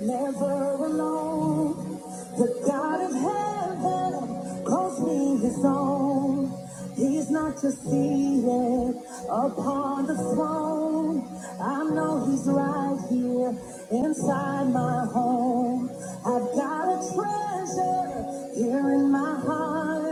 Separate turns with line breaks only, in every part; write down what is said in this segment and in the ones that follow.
never alone. The God of heaven calls me his own. He's not just seated upon the throne. I know he's right here inside my home. I've got a treasure here in my heart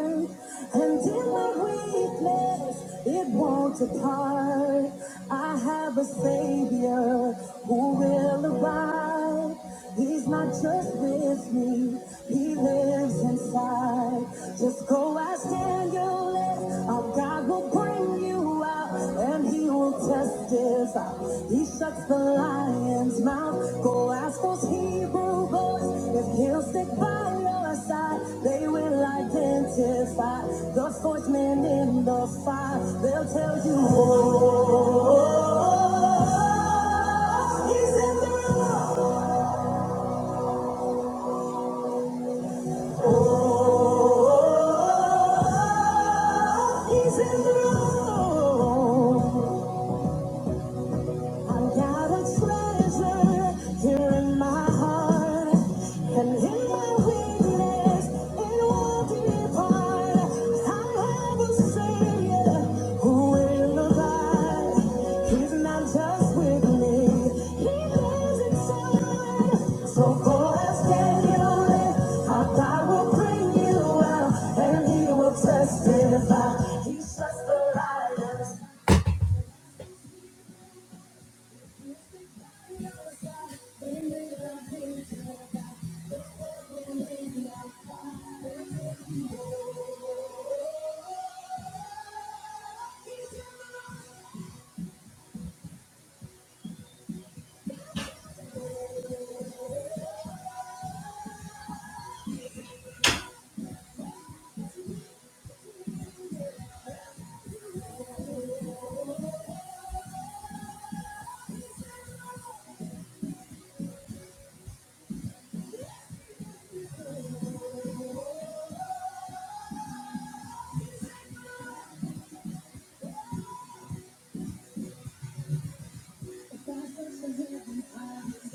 and in my weakness declares it won't depart. I have a savior who will arrive. He's not just with me, he lives inside. Just go ask Daniel, if our God will bring you out. And he will test his eyes. He shuts the lion's mouth. Go ask those Hebrew boys if he'll stick by your side. They will identify the swordsman in the fire. They'll tell you, oh, oh, oh, oh, oh, oh, he's in the room. Oh, oh, oh, oh, oh, he's in the room. I got a treasure here in my heart, and in my weakness, it won't depart. I have a Savior who will abide. He's not just with me, He lives inside. So go ask Daniel, our God will bring you out, and He will testify. He shuts the light.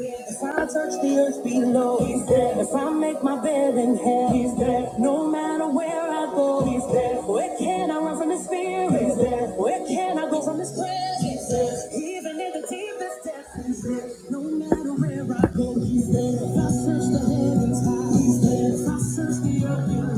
If I touch the earth below, he's there. If I make my bed in hell, he's there. No matter where I go, he's there. Where can I run from his spirit? He's there. Where can I go from his presence? He's there. Even in the deepest depths, he's there. No matter where I go, he's there. If I search the heavens high, he's there. If I search the earth below.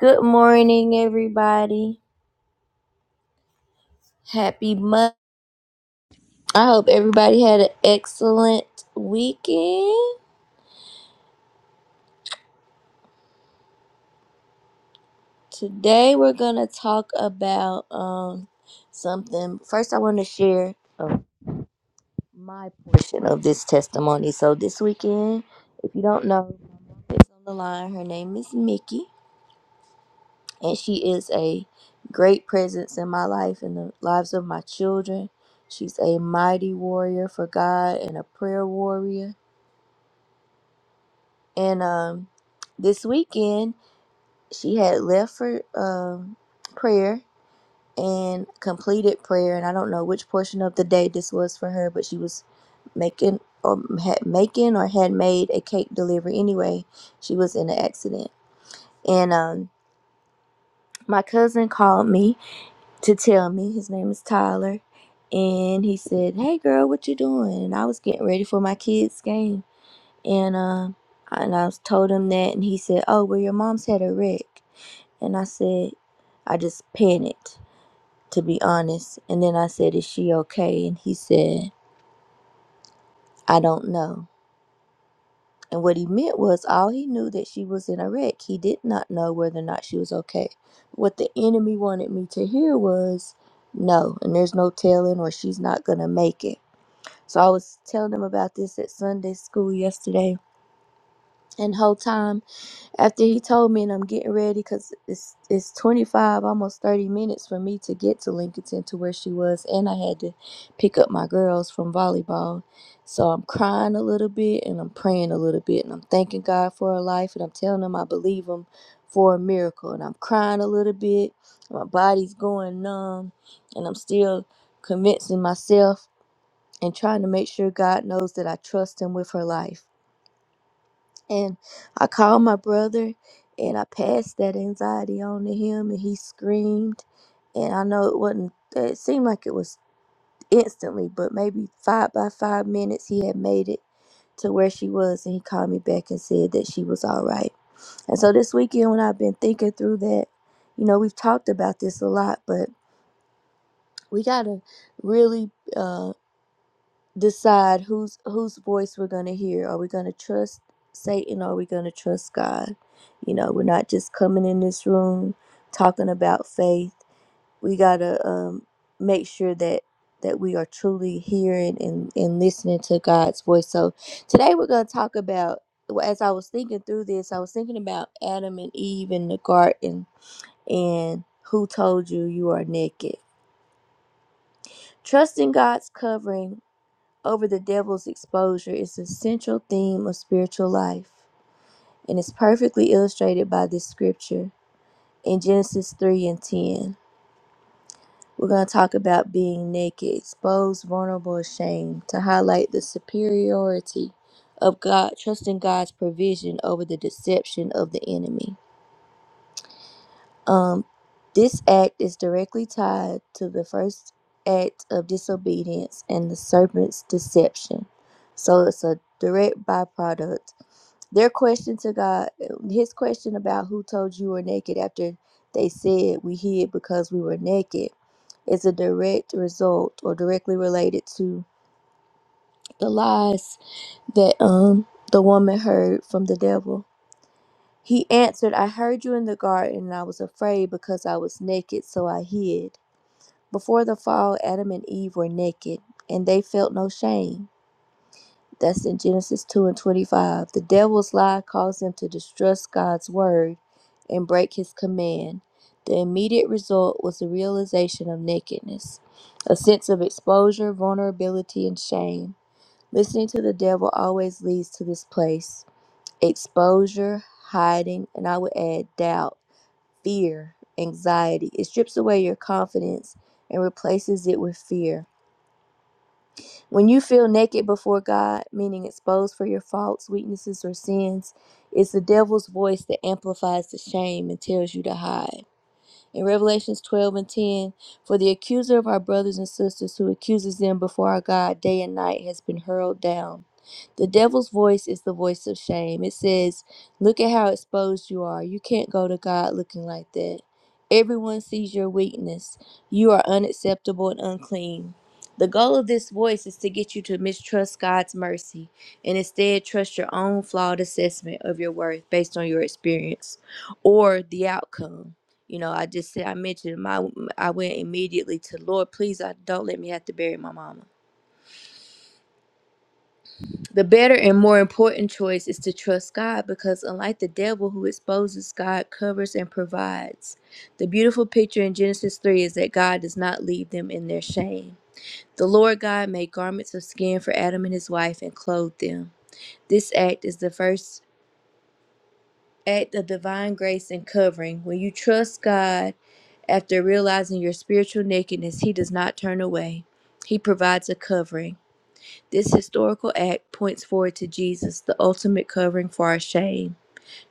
Good morning, everybody. Happy Monday. I hope everybody had an excellent weekend. Today we're gonna talk about um something. First, I want to share uh, my portion of this testimony. So this weekend, if you don't know, my mom is on the line. Her name is Mickey, and she is a great presence in my life and the lives of my children. She's a mighty warrior for God and a prayer warrior. And um, this weekend, she had left for um prayer and completed prayer and i don't know which portion of the day this was for her but she was making or had making or had made a cake delivery anyway she was in an accident and um my cousin called me to tell me his name is tyler and he said hey girl what you doing and i was getting ready for my kids game and um and i was told him that and he said oh well your mom's had a wreck and i said i just panicked to be honest. And then I said, Is she okay? And he said, I don't know. And what he meant was all he knew that she was in a wreck. He did not know whether or not she was okay. What the enemy wanted me to hear was no, and there's no telling or she's not gonna make it. So I was telling him about this at Sunday school yesterday and the whole time after he told me and I'm getting ready because it's it's 25 almost 30 minutes for me to get to Lincolnton to where she was and I had to pick up my girls from volleyball so I'm crying a little bit and I'm praying a little bit and I'm thanking God for her life and I'm telling him I believe him for a miracle and I'm crying a little bit my body's going numb and I'm still convincing myself and trying to make sure God knows that I trust him with her life and I called my brother and I passed that anxiety on to him and he screamed. And I know it wasn't, it seemed like it was instantly, but maybe five by five minutes he had made it to where she was. And he called me back and said that she was all right. And so this weekend, when I've been thinking through that, you know, we've talked about this a lot, but we got to really uh, decide whose whose voice we're going to hear. Are we going to trust Satan or are we going to trust God? You know, we're not just coming in this room talking about faith. We got to um, make sure that that we are truly hearing and, and listening to God's voice. So today we're going to talk about well, as I was thinking through this, I was thinking about Adam and Eve in the garden and who told you you are naked. Trusting God's covering over the devil's exposure is a central theme of spiritual life and is perfectly illustrated by this scripture in Genesis 3 and 10. We're going to talk about being naked, exposed, vulnerable, ashamed to highlight the superiority of God, trusting God's provision over the deception of the enemy. Um, this act is directly tied to the first act of disobedience and the serpent's deception. So it's a direct byproduct. Their question to God, his question about who told you were naked after they said we hid because we were naked, is a direct result or directly related to the lies that um the woman heard from the devil. He answered, I heard you in the garden, and I was afraid because I was naked, so I hid. Before the fall, Adam and Eve were naked, and they felt no shame. That's in Genesis 2 and 25. The devil's lie caused them to distrust God's word and break his command. The immediate result was the realization of nakedness, a sense of exposure, vulnerability, and shame. Listening to the devil always leads to this place exposure, hiding, and I would add doubt fear, anxiety. It strips away your confidence and replaces it with fear. When you feel naked before God, meaning exposed for your faults, weaknesses, or sins, it's the devil's voice that amplifies the shame and tells you to hide. In Revelations 12 and 10, for the accuser of our brothers and sisters who accuses them before our God day and night has been hurled down. The devil's voice is the voice of shame. It says, Look at how exposed you are. You can't go to God looking like that. Everyone sees your weakness. You are unacceptable and unclean. The goal of this voice is to get you to mistrust God's mercy and instead trust your own flawed assessment of your worth based on your experience or the outcome. You know, I just said I mentioned my I went immediately to Lord, please I don't let me have to bury my mama. The better and more important choice is to trust God because unlike the devil who exposes, God covers and provides. The beautiful picture in Genesis 3 is that God does not leave them in their shame. The Lord God made garments of skin for Adam and his wife and clothed them. This act is the first act of divine grace and covering. When you trust God after realizing your spiritual nakedness, He does not turn away. He provides a covering. This historical act points forward to Jesus, the ultimate covering for our shame.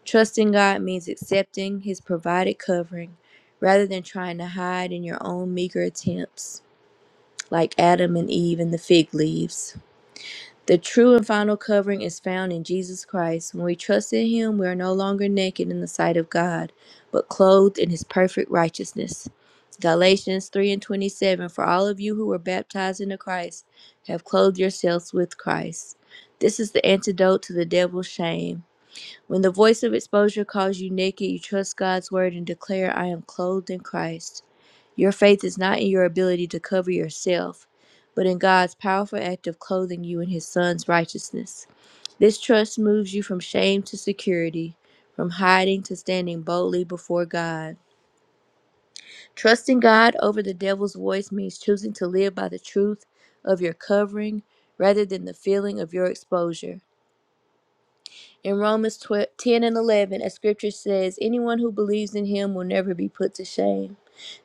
Trusting God means accepting His provided covering rather than trying to hide in your own meager attempts, like Adam and Eve and the fig leaves. The true and final covering is found in Jesus Christ. When we trust in Him, we are no longer naked in the sight of God, but clothed in His perfect righteousness. Galatians 3 and 27 For all of you who were baptized into Christ have clothed yourselves with Christ. This is the antidote to the devil's shame. When the voice of exposure calls you naked, you trust God's word and declare, I am clothed in Christ. Your faith is not in your ability to cover yourself, but in God's powerful act of clothing you in His Son's righteousness. This trust moves you from shame to security, from hiding to standing boldly before God. Trusting God over the devil's voice means choosing to live by the truth of your covering rather than the feeling of your exposure. In Romans 10 and 11, as scripture says, anyone who believes in him will never be put to shame.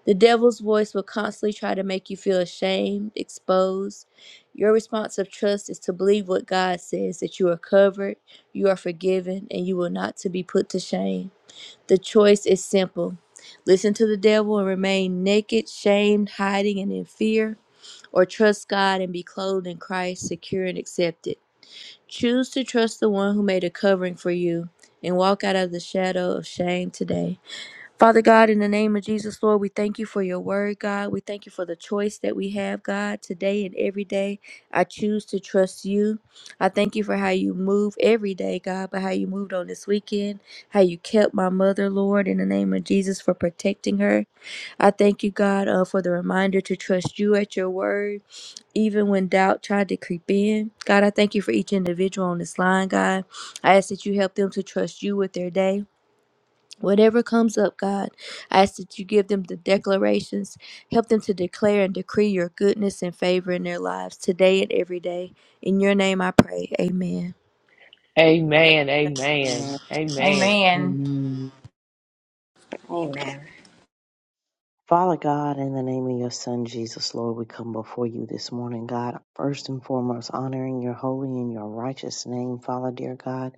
The devil's voice will constantly try to make you feel ashamed, exposed. Your response of trust is to believe what God says that you are covered, you are forgiven, and you will not to be put to shame. The choice is simple. Listen to the devil and remain naked, shamed, hiding, and in fear, or trust God and be clothed in Christ, secure and accepted. Choose to trust the one who made a covering for you and walk out of the shadow of shame today. Father God, in the name of Jesus, Lord, we thank you for your word, God. We thank you for the choice that we have, God, today and every day. I choose to trust you. I thank you for how you move every day, God, but how you moved on this weekend, how you kept my mother, Lord, in the name of Jesus, for protecting her. I thank you, God, uh, for the reminder to trust you at your word even when doubt tried to creep in. God, I thank you for each individual on this line, God. I ask that you help them to trust you with their day. Whatever comes up, God, I ask that you give them the declarations. Help them to declare and decree your goodness and favor in their lives today and every day. In your name I pray. Amen.
Amen.
Amen.
Amen. Amen.
Amen.
Amen.
Amen.
Father God, in the name of your Son Jesus, Lord, we come before you this morning, God. First and foremost, honoring your holy and your righteous name, Father, dear God.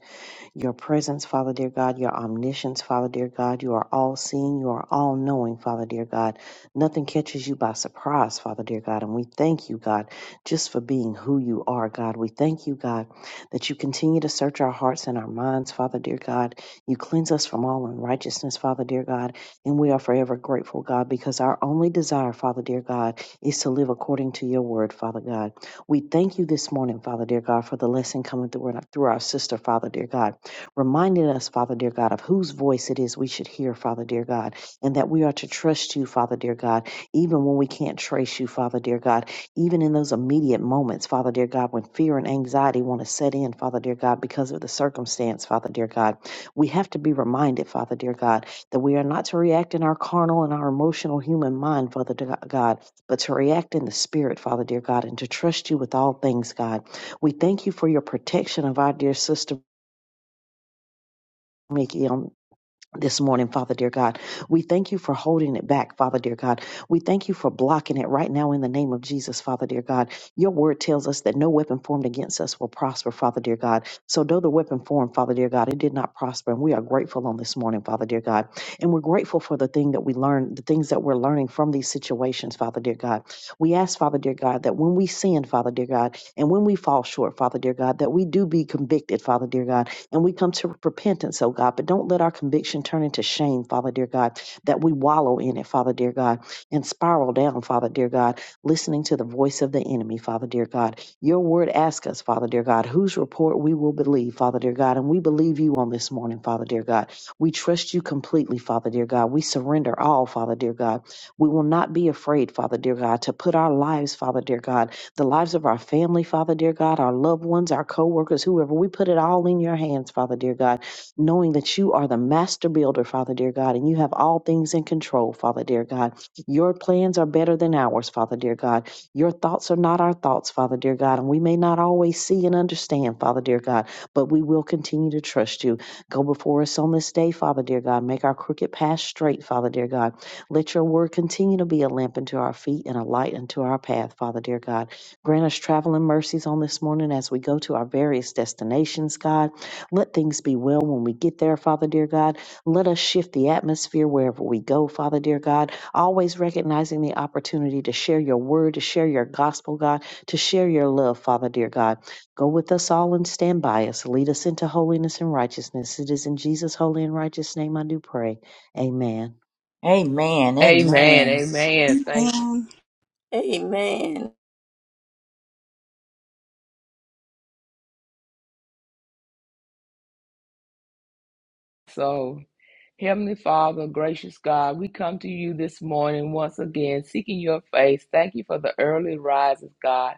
your presence, Father dear God, your omniscience, Father dear God. You are all seeing, you are all knowing, Father dear God. Nothing catches you by surprise, Father dear God. And we thank you, God, just for being who you are, God. We thank you, God, that you continue to search our hearts and our minds, Father dear God. You cleanse us from all unrighteousness, Father dear God. And we are forever grateful, God, because our only desire, Father dear God, is to live according to your word, Father God. We thank you this morning, Father dear God, for the lesson coming through, through our sister, Father dear God reminding us, Father dear God, of whose voice it is we should hear, Father dear God, and that we are to trust you, Father dear God, even when we can't trace you, Father dear God, even in those immediate moments, Father dear God, when fear and anxiety want to set in, Father dear God, because of the circumstance, Father dear God. We have to be reminded, Father dear God, that we are not to react in our carnal and our emotional human mind, Father dear God, but to react in the spirit, Father dear God, and to trust you with all things, God. We thank you for your protection of our dear sister. Mickey this morning, Father dear God. We thank you for holding it back, Father dear God. We thank you for blocking it right now in the name of Jesus, Father dear God. Your word tells us that no weapon formed against us will prosper, Father dear God. So though the weapon formed, Father dear God, it did not prosper. And we are grateful on this morning, Father dear God. And we're grateful for the thing that we learned, the things that we're learning from these situations, Father dear God. We ask, Father dear God, that when we sin, Father dear God, and when we fall short, Father dear God, that we do be convicted, Father dear God, and we come to repentance, oh God. But don't let our conviction turn into shame, Father dear God, that we wallow in it, Father dear God, and spiral down, Father dear God, listening to the voice of the enemy, Father dear God. Your word asks us, Father dear God, whose report we will believe, Father dear God. And we believe you on this morning, Father dear God. We trust you completely, Father dear God. We surrender all, Father dear God. We will not be afraid, Father dear God, to put our lives, Father dear God, the lives of our family, Father dear God, our loved ones, our co-workers, whoever. We put it all in your hands, Father dear God, knowing that you are the master builder, Father dear God, and you have all things in control, Father dear God. Your plans are better than ours, Father dear God. Your thoughts are not our thoughts, Father dear God, and we may not always see and understand, Father dear God, but we will continue to trust you. Go before us on this day, Father dear God. Make our crooked path straight, Father dear God. Let your word continue to be a lamp unto our feet and a light unto our path, Father dear God. Grant us traveling mercies on this morning as we go to our various destinations, God. Let things be well when we get there, Father dear God. Let us shift the atmosphere wherever we go, Father dear God. Always recognizing the opportunity to share your word, to share your gospel, God, to share your love, Father dear God. Go with us all and stand by us. Lead us into holiness and righteousness. It is in Jesus' holy and righteous name I do pray. Amen.
Amen.
Amen.
Amen.
Amen. Thank you
Amen.
Amen.
so. Heavenly Father, gracious God, we come to you this morning once again, seeking your face. Thank you for the early rises, God.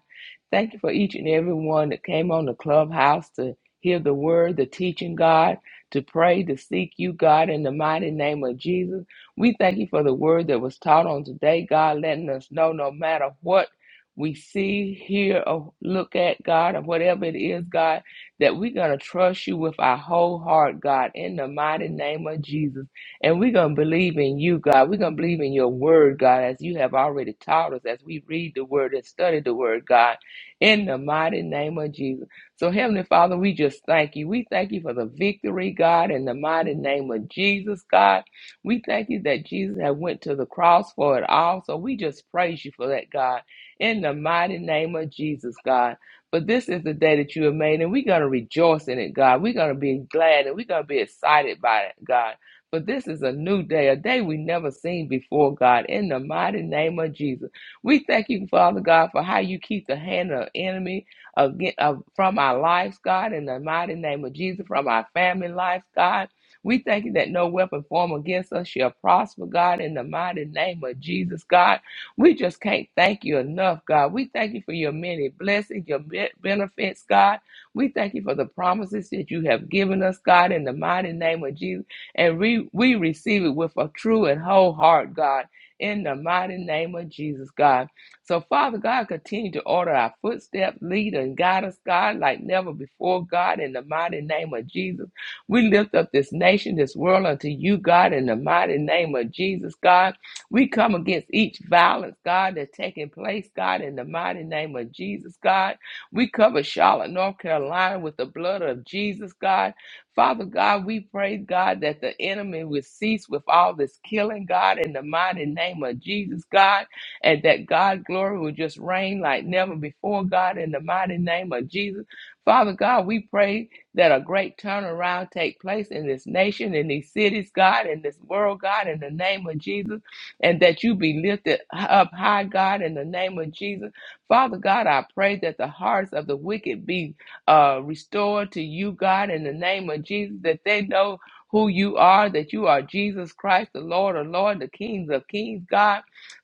Thank you for each and every one that came on the clubhouse to hear the word, the teaching, God, to pray, to seek you, God, in the mighty name of Jesus. We thank you for the word that was taught on today, God, letting us know no matter what we see, hear, or look at, God, or whatever it is, God that we're going to trust you with our whole heart, God, in the mighty name of Jesus. And we're going to believe in you, God. We're going to believe in your word, God, as you have already taught us, as we read the word and study the word, God, in the mighty name of Jesus. So, Heavenly Father, we just thank you. We thank you for the victory, God, in the mighty name of Jesus, God. We thank you that Jesus had went to the cross for it all. So we just praise you for that, God, in the mighty name of Jesus, God. But this is the day that you have made, and we're going to rejoice in it, God. We're going to be glad and we're going to be excited by it, God. But this is a new day, a day we never seen before, God, in the mighty name of Jesus. We thank you, Father God, for how you keep the hand of the enemy again, of, from our lives, God, in the mighty name of Jesus, from our family lives, God. We thank you that no weapon formed against us shall prosper, God, in the mighty name of Jesus, God. We just can't thank you enough, God. We thank you for your many blessings, your be- benefits, God. We thank you for the promises that you have given us, God, in the mighty name of Jesus. And we, we receive it with a true and whole heart, God, in the mighty name of Jesus, God. So, Father God, continue to order our footsteps, lead and guide us, God, like never before, God, in the mighty name of Jesus. We lift up this nation, this world unto you, God, in the mighty name of Jesus, God. We come against each violence, God, that's taking place, God, in the mighty name of Jesus, God. We cover Charlotte, North Carolina with the blood of Jesus, God. Father God, we pray, God, that the enemy will cease with all this killing, God, in the mighty name of Jesus, God, and that God glory will just reign like never before, God, in the mighty name of Jesus. Father God, we pray that a great turnaround take place in this nation, in these cities, God, in this world, God, in the name of Jesus and that you be lifted up high, God, in the name of Jesus. Father God, I pray that the hearts of the wicked be uh, restored to you, God, in the name of Jesus, that they know who you are, that you are Jesus Christ, the Lord of Lord, the Kings of Kings, God.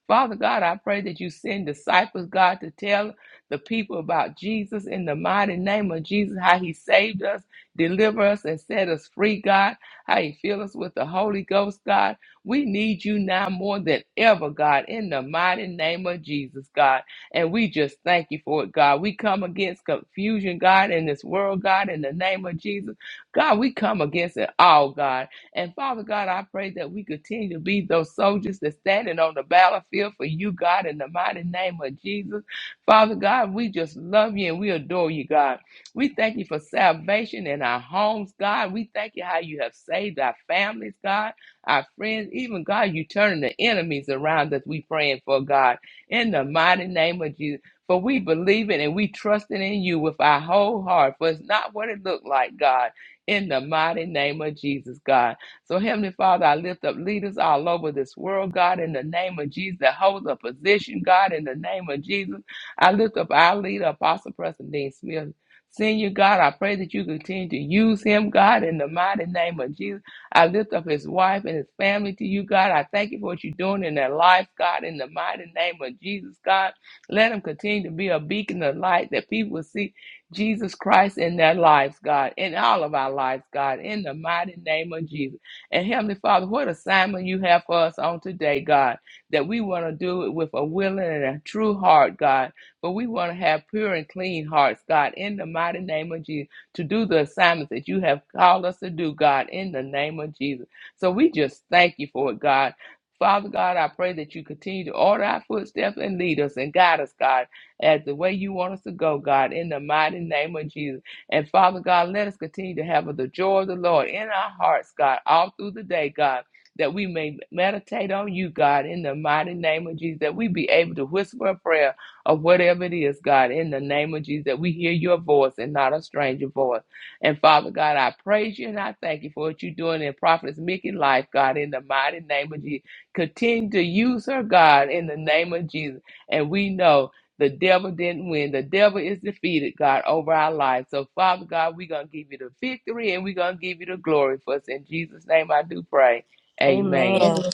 Father God, I pray that you send disciples, God, to tell the people about Jesus in the mighty name of Jesus, how he saved us, deliver us, and set us free, God, how he filled us with the Holy Ghost, God. We need you now more than ever, God, in the mighty name of Jesus, God. And we just thank you for it, God. We come against confusion, God, in this world, God, in the name of Jesus. God, we come against it all, God. And Father God, I pray that we continue to be those soldiers that's standing on the battlefield for you, God, in the mighty name of Jesus. Father God, we just love you and we adore you, God. We thank you for salvation in our homes, God. We thank you how you have saved our families, God our friends, even God, you turning the enemies around us. We praying for God in the mighty name of Jesus. For we believe it and we trusting in you with our whole heart. For it's not what it looked like, God. In the mighty name of Jesus, God. So, Heavenly Father, I lift up leaders all over this world, God, in the name of Jesus, that holds a position, God, in the name of Jesus. I lift up our leader, Apostle Preston Dean Smith. Senior God, I pray that you continue to use him, God, in the mighty name of Jesus. I lift up his wife and his family to you, God. I thank you for what you're doing in their lives, God, in the mighty name of Jesus, God. Let him continue to be a beacon of light that people will see Jesus Christ in their lives, God, in all of our lives, God, in the mighty name of Jesus. And Heavenly Father, what assignment you have for us on today, God, that we want to do it with a willing and a true heart, God. But we want to have pure and clean hearts, God, in the mighty name of Jesus to do the assignments that you have called us to do, God, in the name of Jesus. So we just thank you for it, God. Father God, I pray that you continue to order our footsteps and lead us and guide us, God, as the way you want us to go, God, in the mighty name of Jesus. And Father God, let us continue to have the joy of the Lord in our hearts, God, all through the day, God that we may meditate on you, God, in the mighty name of Jesus, that we be able to whisper a prayer or whatever it is, God, in the name of Jesus, that we hear your voice and not a stranger voice. And Father God, I praise you and I thank you for what you're doing in Prophetess Mickey's life, God, in the mighty name of Jesus. Continue to use her, God, in the name of Jesus. And we know the devil didn't win. The devil is defeated, God, over our lives. So, Father God, we're going to give you the victory and we're going to give you the glory for us. In Jesus' name, I do pray. Amen.
Amen.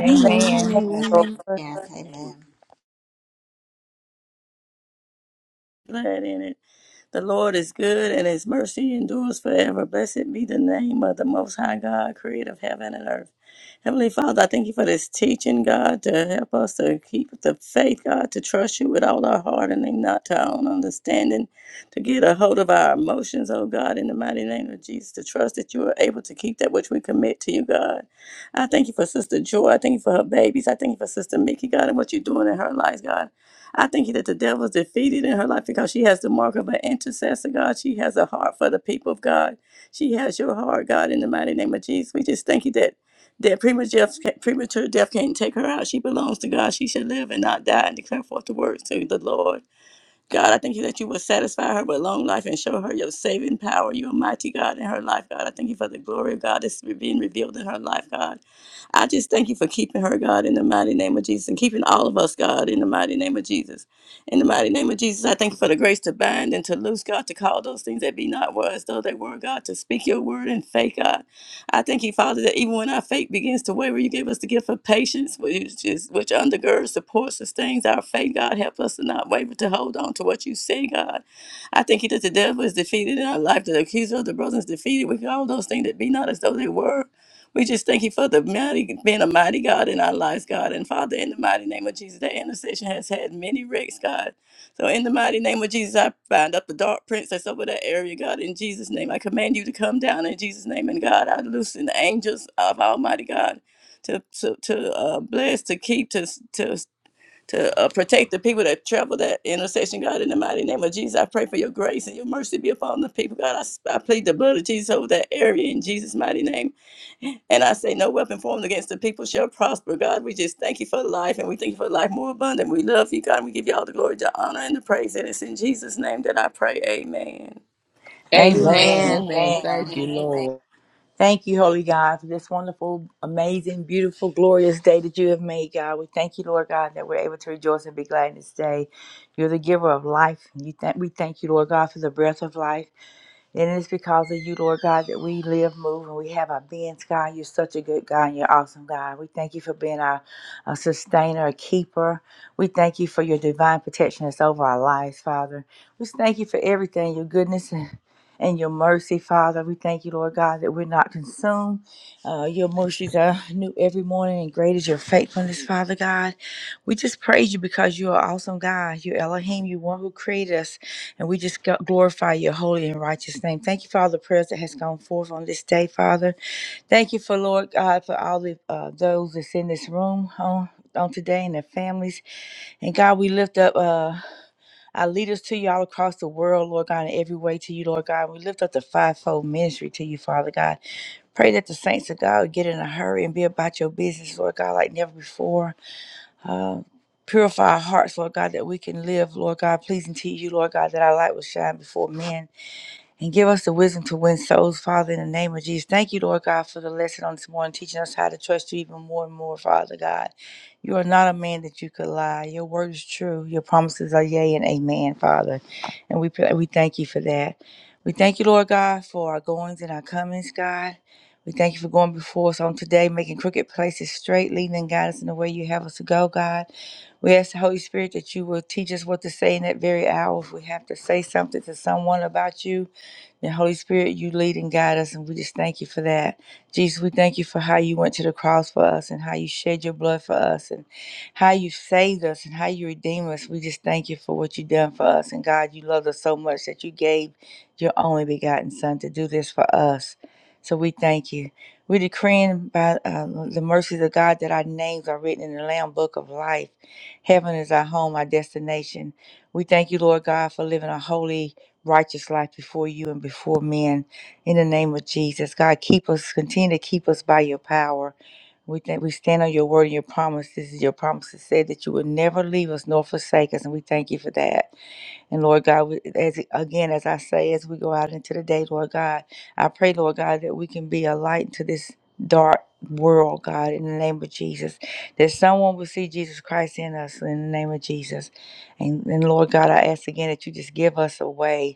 Amen.
Amen.
Amen.
Oh.
Amen.
Yes, amen.
Glad in it. The Lord is good and his mercy endures forever. Blessed be the name of the Most High God, creator of heaven and earth. Heavenly Father, I thank you for this teaching, God, to help us to keep the faith, God, to trust you with all our heart and lean not to our own understanding, to get a hold of our emotions, oh God, in the mighty name of Jesus, to trust that you are able to keep that which we commit to you, God. I thank you for Sister Joy. I thank you for her babies. I thank you for Sister Mickey, God, and what you're doing in her life, God. I thank you that the devil is defeated in her life because she has the mark of an intercessor, God. She has a heart for the people of God. She has your heart, God, in the mighty name of Jesus. We just thank you that that premature death, premature death can't take her out. She belongs to God. She should live and not die and declare forth the words to the Lord. God, I thank you that you will satisfy her with long life and show her your saving power, your mighty God in her life, God. I thank you for the glory of God that's being revealed in her life, God. I just thank you for keeping her, God, in the mighty name of Jesus, and keeping all of us, God, in the mighty name of Jesus. In the mighty name of Jesus, I thank you for the grace to bind and to loose, God, to call those things that be not were as though they were, God, to speak your word in faith, God. I thank you, Father, that even when our faith begins to waver, you give us the gift of patience, which, is, which undergirds, supports, sustains our faith. God, help us to not waver, to hold on to what you say, God. I thank you that the devil is defeated in our life, that the accuser of the brothers is defeated. We all those things that be not as though they were. We just thank you for the mighty, being a mighty God in our lives, God. And Father, in the mighty name of Jesus, that intercession has had many wrecks, God. So in the mighty name of Jesus, I bind up the dark prince that's over that area, God. In Jesus' name, I command you to come down in Jesus' name. And God, I loosen the angels of Almighty God to to, to uh, bless, to keep, to to to uh, protect the people that travel that intersection, God, in the mighty name of Jesus. I pray for your grace and your mercy be upon the people, God. I, s- I plead the blood of Jesus over that area in Jesus' mighty name. And I say, no weapon formed against the people shall prosper, God. We just thank you for life and we thank you for life more abundant. We love you, God. And we give you all the glory, the honor, and the praise. And it's in Jesus' name that I pray. Amen.
Amen.
Amen.
Amen.
Amen.
Thank
Amen.
you,
Amen.
Lord.
Thank you, Holy God, for this wonderful, amazing, beautiful, glorious day that you have made, God. We thank you, Lord God, that we're able to rejoice and be glad in this day. You're the giver of life. You thank we thank you, Lord God, for the breath of life. And it's because of you, Lord God, that we live, move, and we have our beings, God. You're such a good God and you're awesome, God. We thank you for being our, our sustainer, a keeper. We thank you for your divine protection that's over our lives, Father. We thank you for everything, your goodness and, and your mercy, Father. We thank you, Lord God, that we're not consumed. Uh, your mercies are new every morning, and great is your faithfulness, Father God. We just praise you because you are awesome, God. You're Elohim. You're one who created us. And we just go- glorify your holy and righteous name. Thank you for all the prayers that has gone forth on this day, Father. Thank you for Lord God for all the uh, those that's in this room on on today and their families. And God, we lift up uh, our leaders to you all across the world, Lord God, in every way to you, Lord God. We lift up the fivefold ministry to you, Father God. Pray that the saints of God would get in a hurry and be about your business, Lord God, like never before. Uh, purify our hearts, Lord God, that we can live, Lord God, pleasing to you, Lord God, that our light will shine before men and give us the wisdom to win souls, Father, in the name of Jesus. Thank you, Lord God, for the lesson on this morning, teaching us how to trust you even more and more, Father God. You are not a man that you could lie. Your word is true. Your promises are yea and amen, Father. And we pray, we thank you for that. We thank you, Lord God, for our goings and our comings, God. We thank you for going before us on today, making crooked places straight, leading and guiding us in the way you have us to go, God. We ask the Holy Spirit that you will teach us what to say in that very hour if we have to say something to someone about you and Holy Spirit, you lead and guide us, and we just thank you for that. Jesus, we thank you for how you went to the cross for us and how you shed your blood for us and how you saved us and how you redeemed us. We just thank you for what you've done for us. And God, you loved us so much that you gave your only begotten Son to do this for us. So we thank you. We're decreeing by uh, the mercies of God that our names are written in the Lamb Book of Life. Heaven is our home, our destination. We thank you, Lord God, for living a holy, righteous life before you and before men. In the name of Jesus, God, keep us, continue to keep us by your power. We thank we stand on your word and your promises. Your promises said that you would never leave us nor forsake us, and we thank you for that. And Lord God, we, as again as I say, as we go out into the day, Lord God, I pray, Lord God, that we can be a light to this dark world, God, in the name of Jesus, that someone will see Jesus Christ in us, in the name of Jesus. And, and Lord God, I ask again that you just give us a way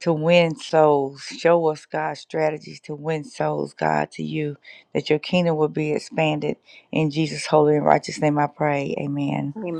to win souls. Show us, God, strategies to win souls, God, to you, that your kingdom will be expanded. In Jesus' holy and righteous name I pray. Amen.
Amen.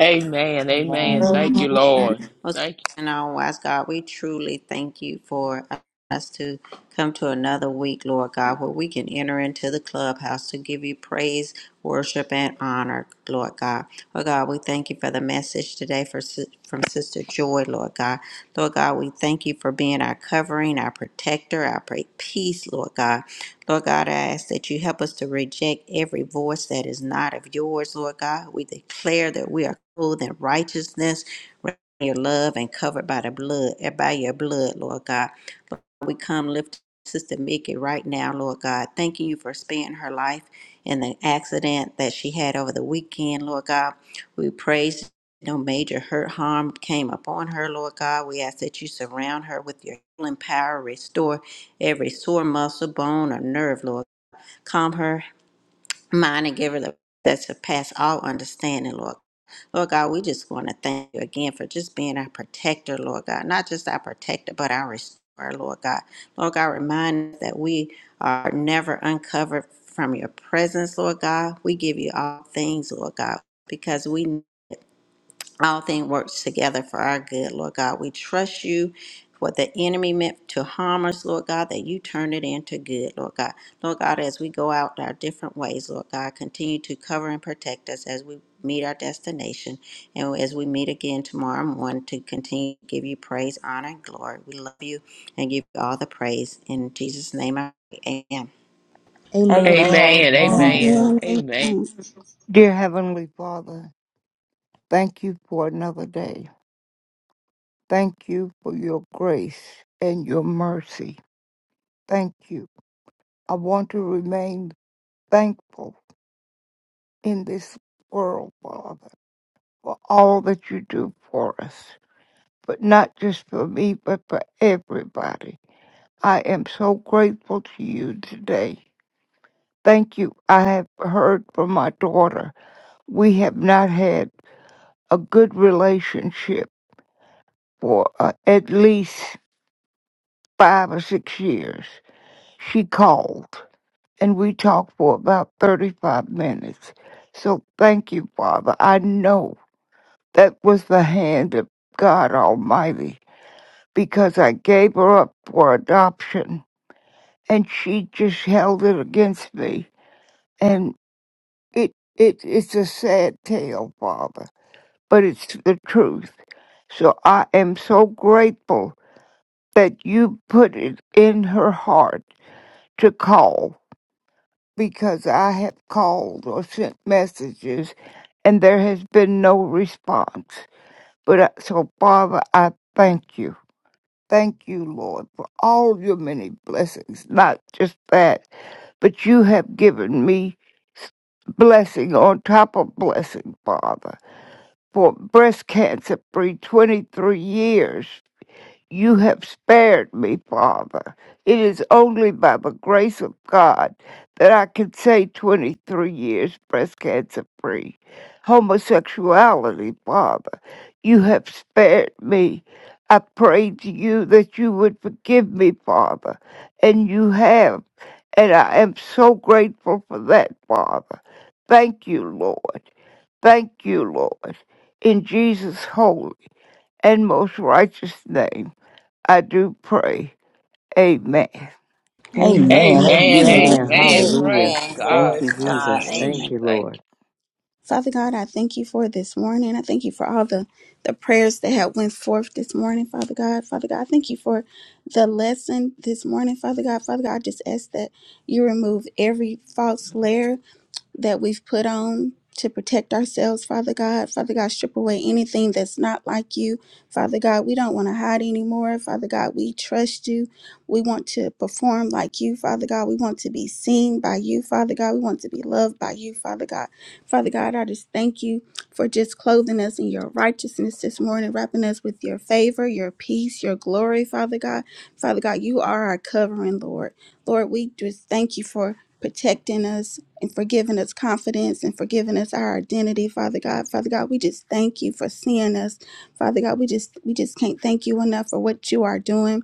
Amen. Amen.
Amen.
Thank
Amen.
you,
And
Lord.
Most
Thank
and all wise God, we truly thank you for us to come to another week, Lord God, where we can enter into the clubhouse to give you praise, worship, and honor, Lord God. Lord God, we thank you for the message today for, Sis- from Sister Joy, Lord God. Lord God, we thank you for being our covering, our protector, our pray peace, Lord God. Lord God, I ask that you help us to reject every voice that is not of yours, Lord God. We declare that we are clothed in righteousness your love and covered by the blood, eh, by your blood, Lord God. Lord, we come lift Sister Mickey right now, Lord God, thanking you for sparing her life in the accident that she had over the weekend, Lord God. We praise no major hurt, harm came upon her, Lord God. We ask that you surround her with your healing power, restore every sore muscle, bone, or nerve, Lord. Calm her mind and give her the that surpass all understanding, Lord. Lord God, we just want to thank you again for just being our protector, Lord God. Not just our protector, but our restorer, Lord God. Lord God, remind us that we are never uncovered from your presence, Lord God. We give you all things, Lord God, because we know. All things work together for our good, Lord God. We trust you. What the enemy meant to harm us, Lord God, that you turn it into good, Lord God. Lord God, as we go out our different ways, Lord God, continue to cover and protect us as we meet our destination and as we meet again tomorrow morning to continue to give you praise, honor, and glory. We love you and give you all the praise. In Jesus' name, I pray. Amen.
you.
Amen.
Amen.
Amen.
Amen.
Amen.
Amen. Amen.
Dear Heavenly Father, thank you for another day. Thank you for your grace and your mercy. Thank you. I want to remain thankful in this world, Father, for all that you do for us, but not just for me, but for everybody. I am so grateful to you today. Thank you. I have heard from my daughter. We have not had a good relationship for uh, at least five or six years. She called and we talked for about 35 minutes. So thank you, Father. I know that was the hand of God Almighty because I gave her up for adoption and she just held it against me. And it, it it's a sad tale, Father, but it's the truth. So I am so grateful that you put it in her heart to call because I have called or sent messages and there has been no response. But I, so, Father, I thank you. Thank you, Lord, for all your many blessings, not just that, but you have given me blessing on top of blessing, Father, for breast cancer free 23 years. You have spared me, Father. It is only by the grace of God that I can say 23 years breast cancer free. Homosexuality, Father, you have spared me. I prayed to you that you would forgive me, Father, and you have. And I am so grateful for that, Father. Thank you, Lord. Thank you, Lord. In Jesus' holy and most righteous name. I do pray. Amen.
Amen.
Amen.
Amen.
Amen.
Amen. Amen.
Amen.
Hallelujah.
Praise
Amen.
God.
Thank
Glory to
you,
God.
Jesus.
Amen.
Thank
Hallelujah.
you,
Thank
Lord.
Father God, I thank you for this morning. I thank you for all the, the prayers that have went forth this morning, Father God. Father God, I thank you for the lesson this morning, Father God. Father God, I just ask that you remove every false layer, that we've put on to protect ourselves, Father God. Father God, strip away anything that's not like you. Father God, we don't want to hide anymore. Father God, we trust you. We want to perform like you, Father God. We want to be seen by you, Father God. We want to be loved by you, Father God. Father God, I just thank you for just clothing us in your righteousness this morning, wrapping us with your favor, your peace, your glory, Father God. Father God, you are our covering, Lord. Lord, we just thank you for protecting us and forgiving us confidence and forgiving us our identity, Father God. Father God, we just thank you for seeing us. Father God, we just we just can't thank you enough for what you are doing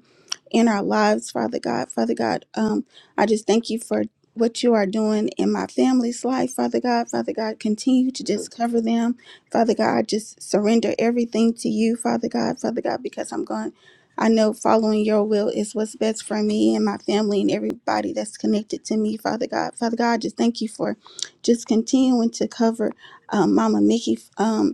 in our lives, Father God. Father God, um, I just thank you for what you are doing in my family's life, Father God. Father God, continue to just cover them. Father God, I just surrender everything to you, Father God, Father God, because I'm going. I know following your will is what's best for me and my family and everybody that's connected to me, Father God. Father God, I just thank you for just continuing to cover um, Mama Mickey. Um,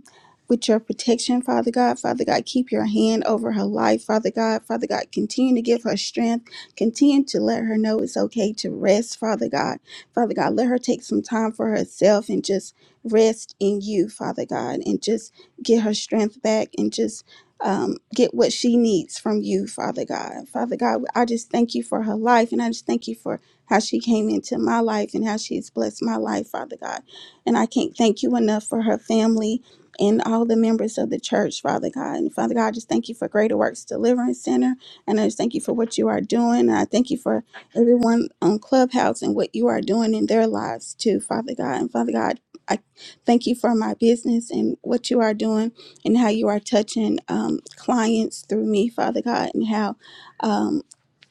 with your protection, Father God. Father God, keep your hand over her life, Father God. Father God, continue to give her strength. Continue to let her know it's okay to rest, Father God. Father God, let her take some time for herself and just rest in you, Father God, and just get her strength back and just. Um, get what she needs from you, Father God. Father God, I just thank you for her life and I just thank you for how she came into my life and how she's blessed my life, Father God. And I can't thank you enough for her family and all the members of the church, Father God. And Father God, I just thank you for Greater Works Deliverance Center. And I just thank you for what you are doing. And I thank you for everyone on Clubhouse and what you are doing in their lives too, Father God. And Father God, I thank you for my business and what you are doing and how you are touching um, clients through me, Father God, and how um,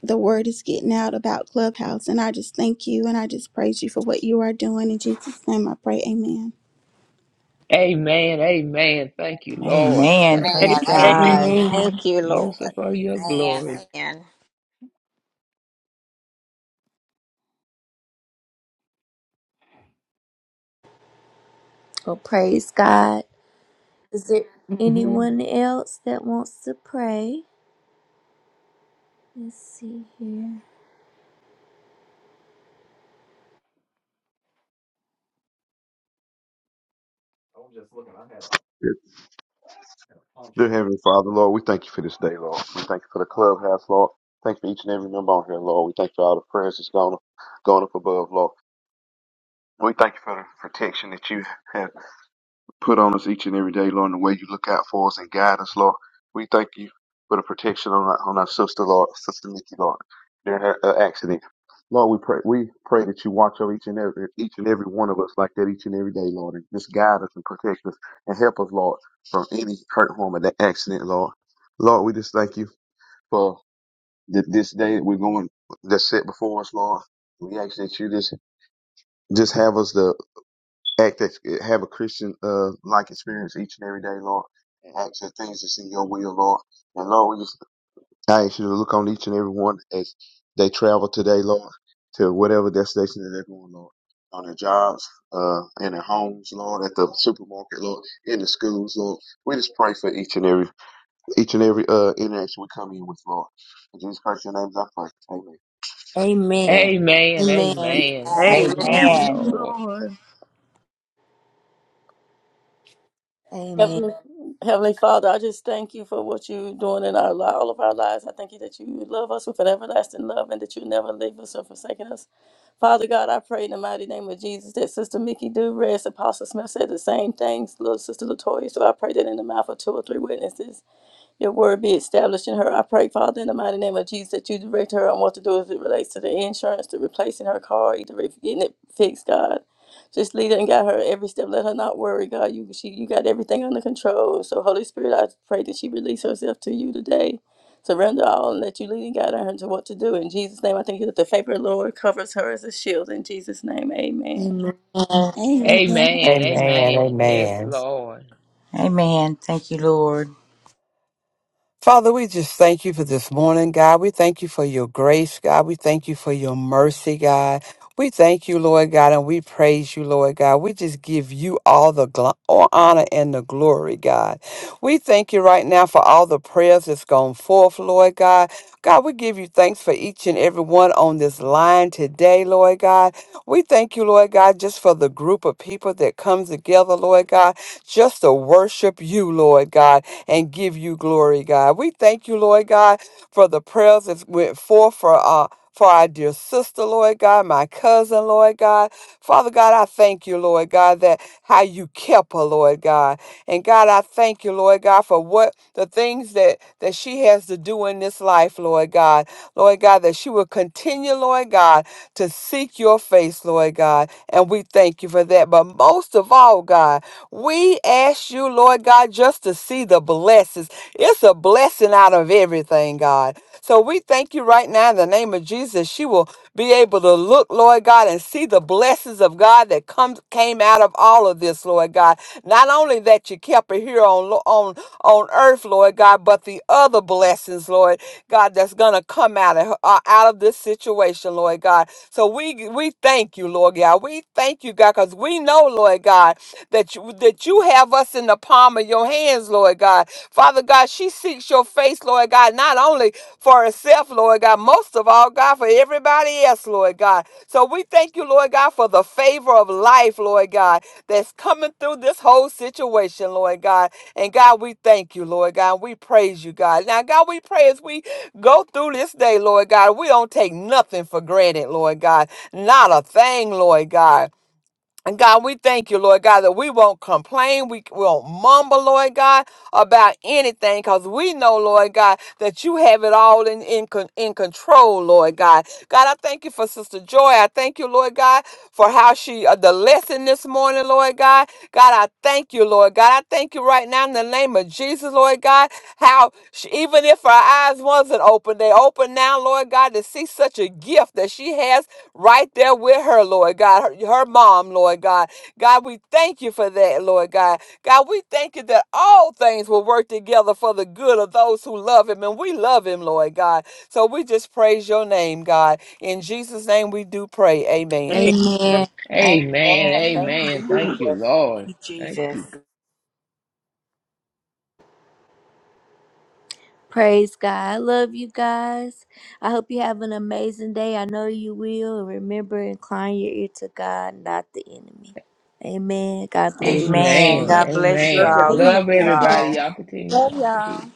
the word is getting out about Clubhouse. And I just thank you and I just praise you for what you are doing. In Jesus' name I pray, amen.
you. Amen. Amen. Thank you, Lord.
Amen.
Thank you,
Praise
Amen. Amen.
Jesus.
God.
Thank
Amen.
you, Lord.
Use it for your glory.
Amen. Amen.
Well, praise God. Is there
Mhm.
anyone else that wants to pray? Let's see here.
Dear Heavenly Father, Lord, we thank you for this day, Lord. We thank you for the clubhouse, Lord. Thank you for each and every member on here, Lord. We thank you for all the prayers that's gone, gone up above, Lord. We thank you for the protection that you have. put on us each and every day, Lord, and the way you look out for us and guide us, Lord. We thank you for the protection on our, on our sister, Lord, Sister Nikki, Lord, during her uh, accident. Lord, we pray we pray that you watch over each and every each and every one of us like that each and every day, Lord, and just guide us and protect us and help us, Lord, from any hurt, harm, or that accident, Lord. Lord, we just thank you for th- this day that we're going that's set before us, Lord. We ask that you just just have us the act that eh, have a Christian uh like experience each and every day, Lord, and act the things that's in your will, Lord. And Lord, we just I ask you to look on each and every one as they travel today, Lord, to whatever destination that they're going, Lord. On their jobs, uh, in their homes, Lord, at the supermarket, Lord, in the schools, Lord. We just pray for each and every each and every uh, interaction we come in with, Lord. In Jesus Christ, your name is I pray. Amen.
Amen.
Amen.
Amen.
Amen.
Amen.
Thank you,
Amen.
Lord.
Lord.
Amen.
Heavenly, Heavenly Father, I just thank you for what you're doing in our li- all of our lives. I thank you that you love us with an everlasting love and that you never leave us or forsaken us. Father God, I pray in the mighty name of Jesus that Sister Mickey Duress, Apostle Smith said the same things, little Sister Latoya. So I pray that in the mouth of two or three witnesses your word be established in her. I pray, Father, in the mighty name of Jesus, that you direct her on what to do as it relates to the insurance, to replacing her car, either re- getting it fixed, God. Just lead her and guide her every step. Let her not worry, God. You she you got everything under control. So Holy Spirit, I pray that she release herself to you today. Surrender all and let you lead and guide her into what to do. In Jesus' name, I thank you that the favor of the Lord covers her as a shield. In Jesus' name, amen.
Amen.
Amen.
Amen.
Amen. Yes,
Amen.
Lord.
Amen. Thank you, Lord.
Father, we just thank you for this morning, God. We thank you for your grace, God. We thank you for your mercy, God. We thank you, Lord God, and we praise you, Lord God. We just give you all the gl- all honor and the glory, God. We thank you right now for all the prayers that's gone forth, Lord God. God, we give you thanks for each and every one on this line today, Lord God. We thank you, Lord God, just for the group of people that comes together, Lord God, just to worship you, Lord God and give you glory, God. We thank you, Lord God, for the prayers that went forth for uh for our dear sister, Lord God, my cousin, Lord God. Father God, I thank you, Lord God, that how you kept her, Lord God. And God, I thank you, Lord God, for what the things that that she has to do in this life, Lord God. Lord God, that she will continue, Lord God, to seek your face, Lord God. And we thank you for that. But most of all, God, we ask you, Lord God, just to see the blessings. It's a blessing out of everything, God. So we thank you right now in the name of Jesus. She will be able to look, Lord God, and see the blessings of God that comes came out of all of this, Lord God. Not only that you kept her here on lo- on on earth, Lord God, but the other blessings, Lord God, that's gonna come out of her, uh, out of this situation, Lord God. So we we thank you, Lord God. We thank you, God, because we know, Lord God, that you that you have us in the palm of your of your hands, Lord God. Father God, she seeks your face, Lord God, not only for herself, Lord God, most of all, God, for everybody else, Lord God. So we thank you, Lord God, for the favor of life, Lord God, that's coming through this whole situation, Lord God. And God, we thank you, Lord God. We praise you, God. Now, God, we pray as we go through this day, Lord God, we don't take nothing for granted, Lord God. Not a thing, Lord God. And God, we thank you, Lord God, that we won't complain. We won't mumble, Lord God, about anything because we know, Lord God, that you have it all in, in, con- in control, Lord God. God, I thank you for Sister Joy. I thank you, Lord God, for how she, uh, the lesson this morning, Lord God. God, I thank you, Lord God. I thank you right now in the the name of Jesus, Lord God. How she, even if her eyes wasn't open, they open now, Lord God, to see such a gift that she has right there with her, Lord God, her, her mom, Lord God. God, we thank you for that, Lord God. God, we thank you that all things will work together for the good of those who love him, and we love him, Lord God. So we just praise your name, God. In Jesus' name we do pray. Amen.
Amen.
Amen.
Amen. Thank you,
Amen. Thank you,
Jesus. Thank
Lord.
you,
Thank
Jesus.
you.
Praise God. I love you guys. I hope you have an amazing day. I know you will. And Remember, incline your ear to God, not the enemy. Amen. God bless you.
Amen.
Amen.
Amen.
God bless you
Amen.
all.
Amen.
Love
Love
you
everybody.
all.
Y'all continue to
Love
walk with
y'all.
Jesus.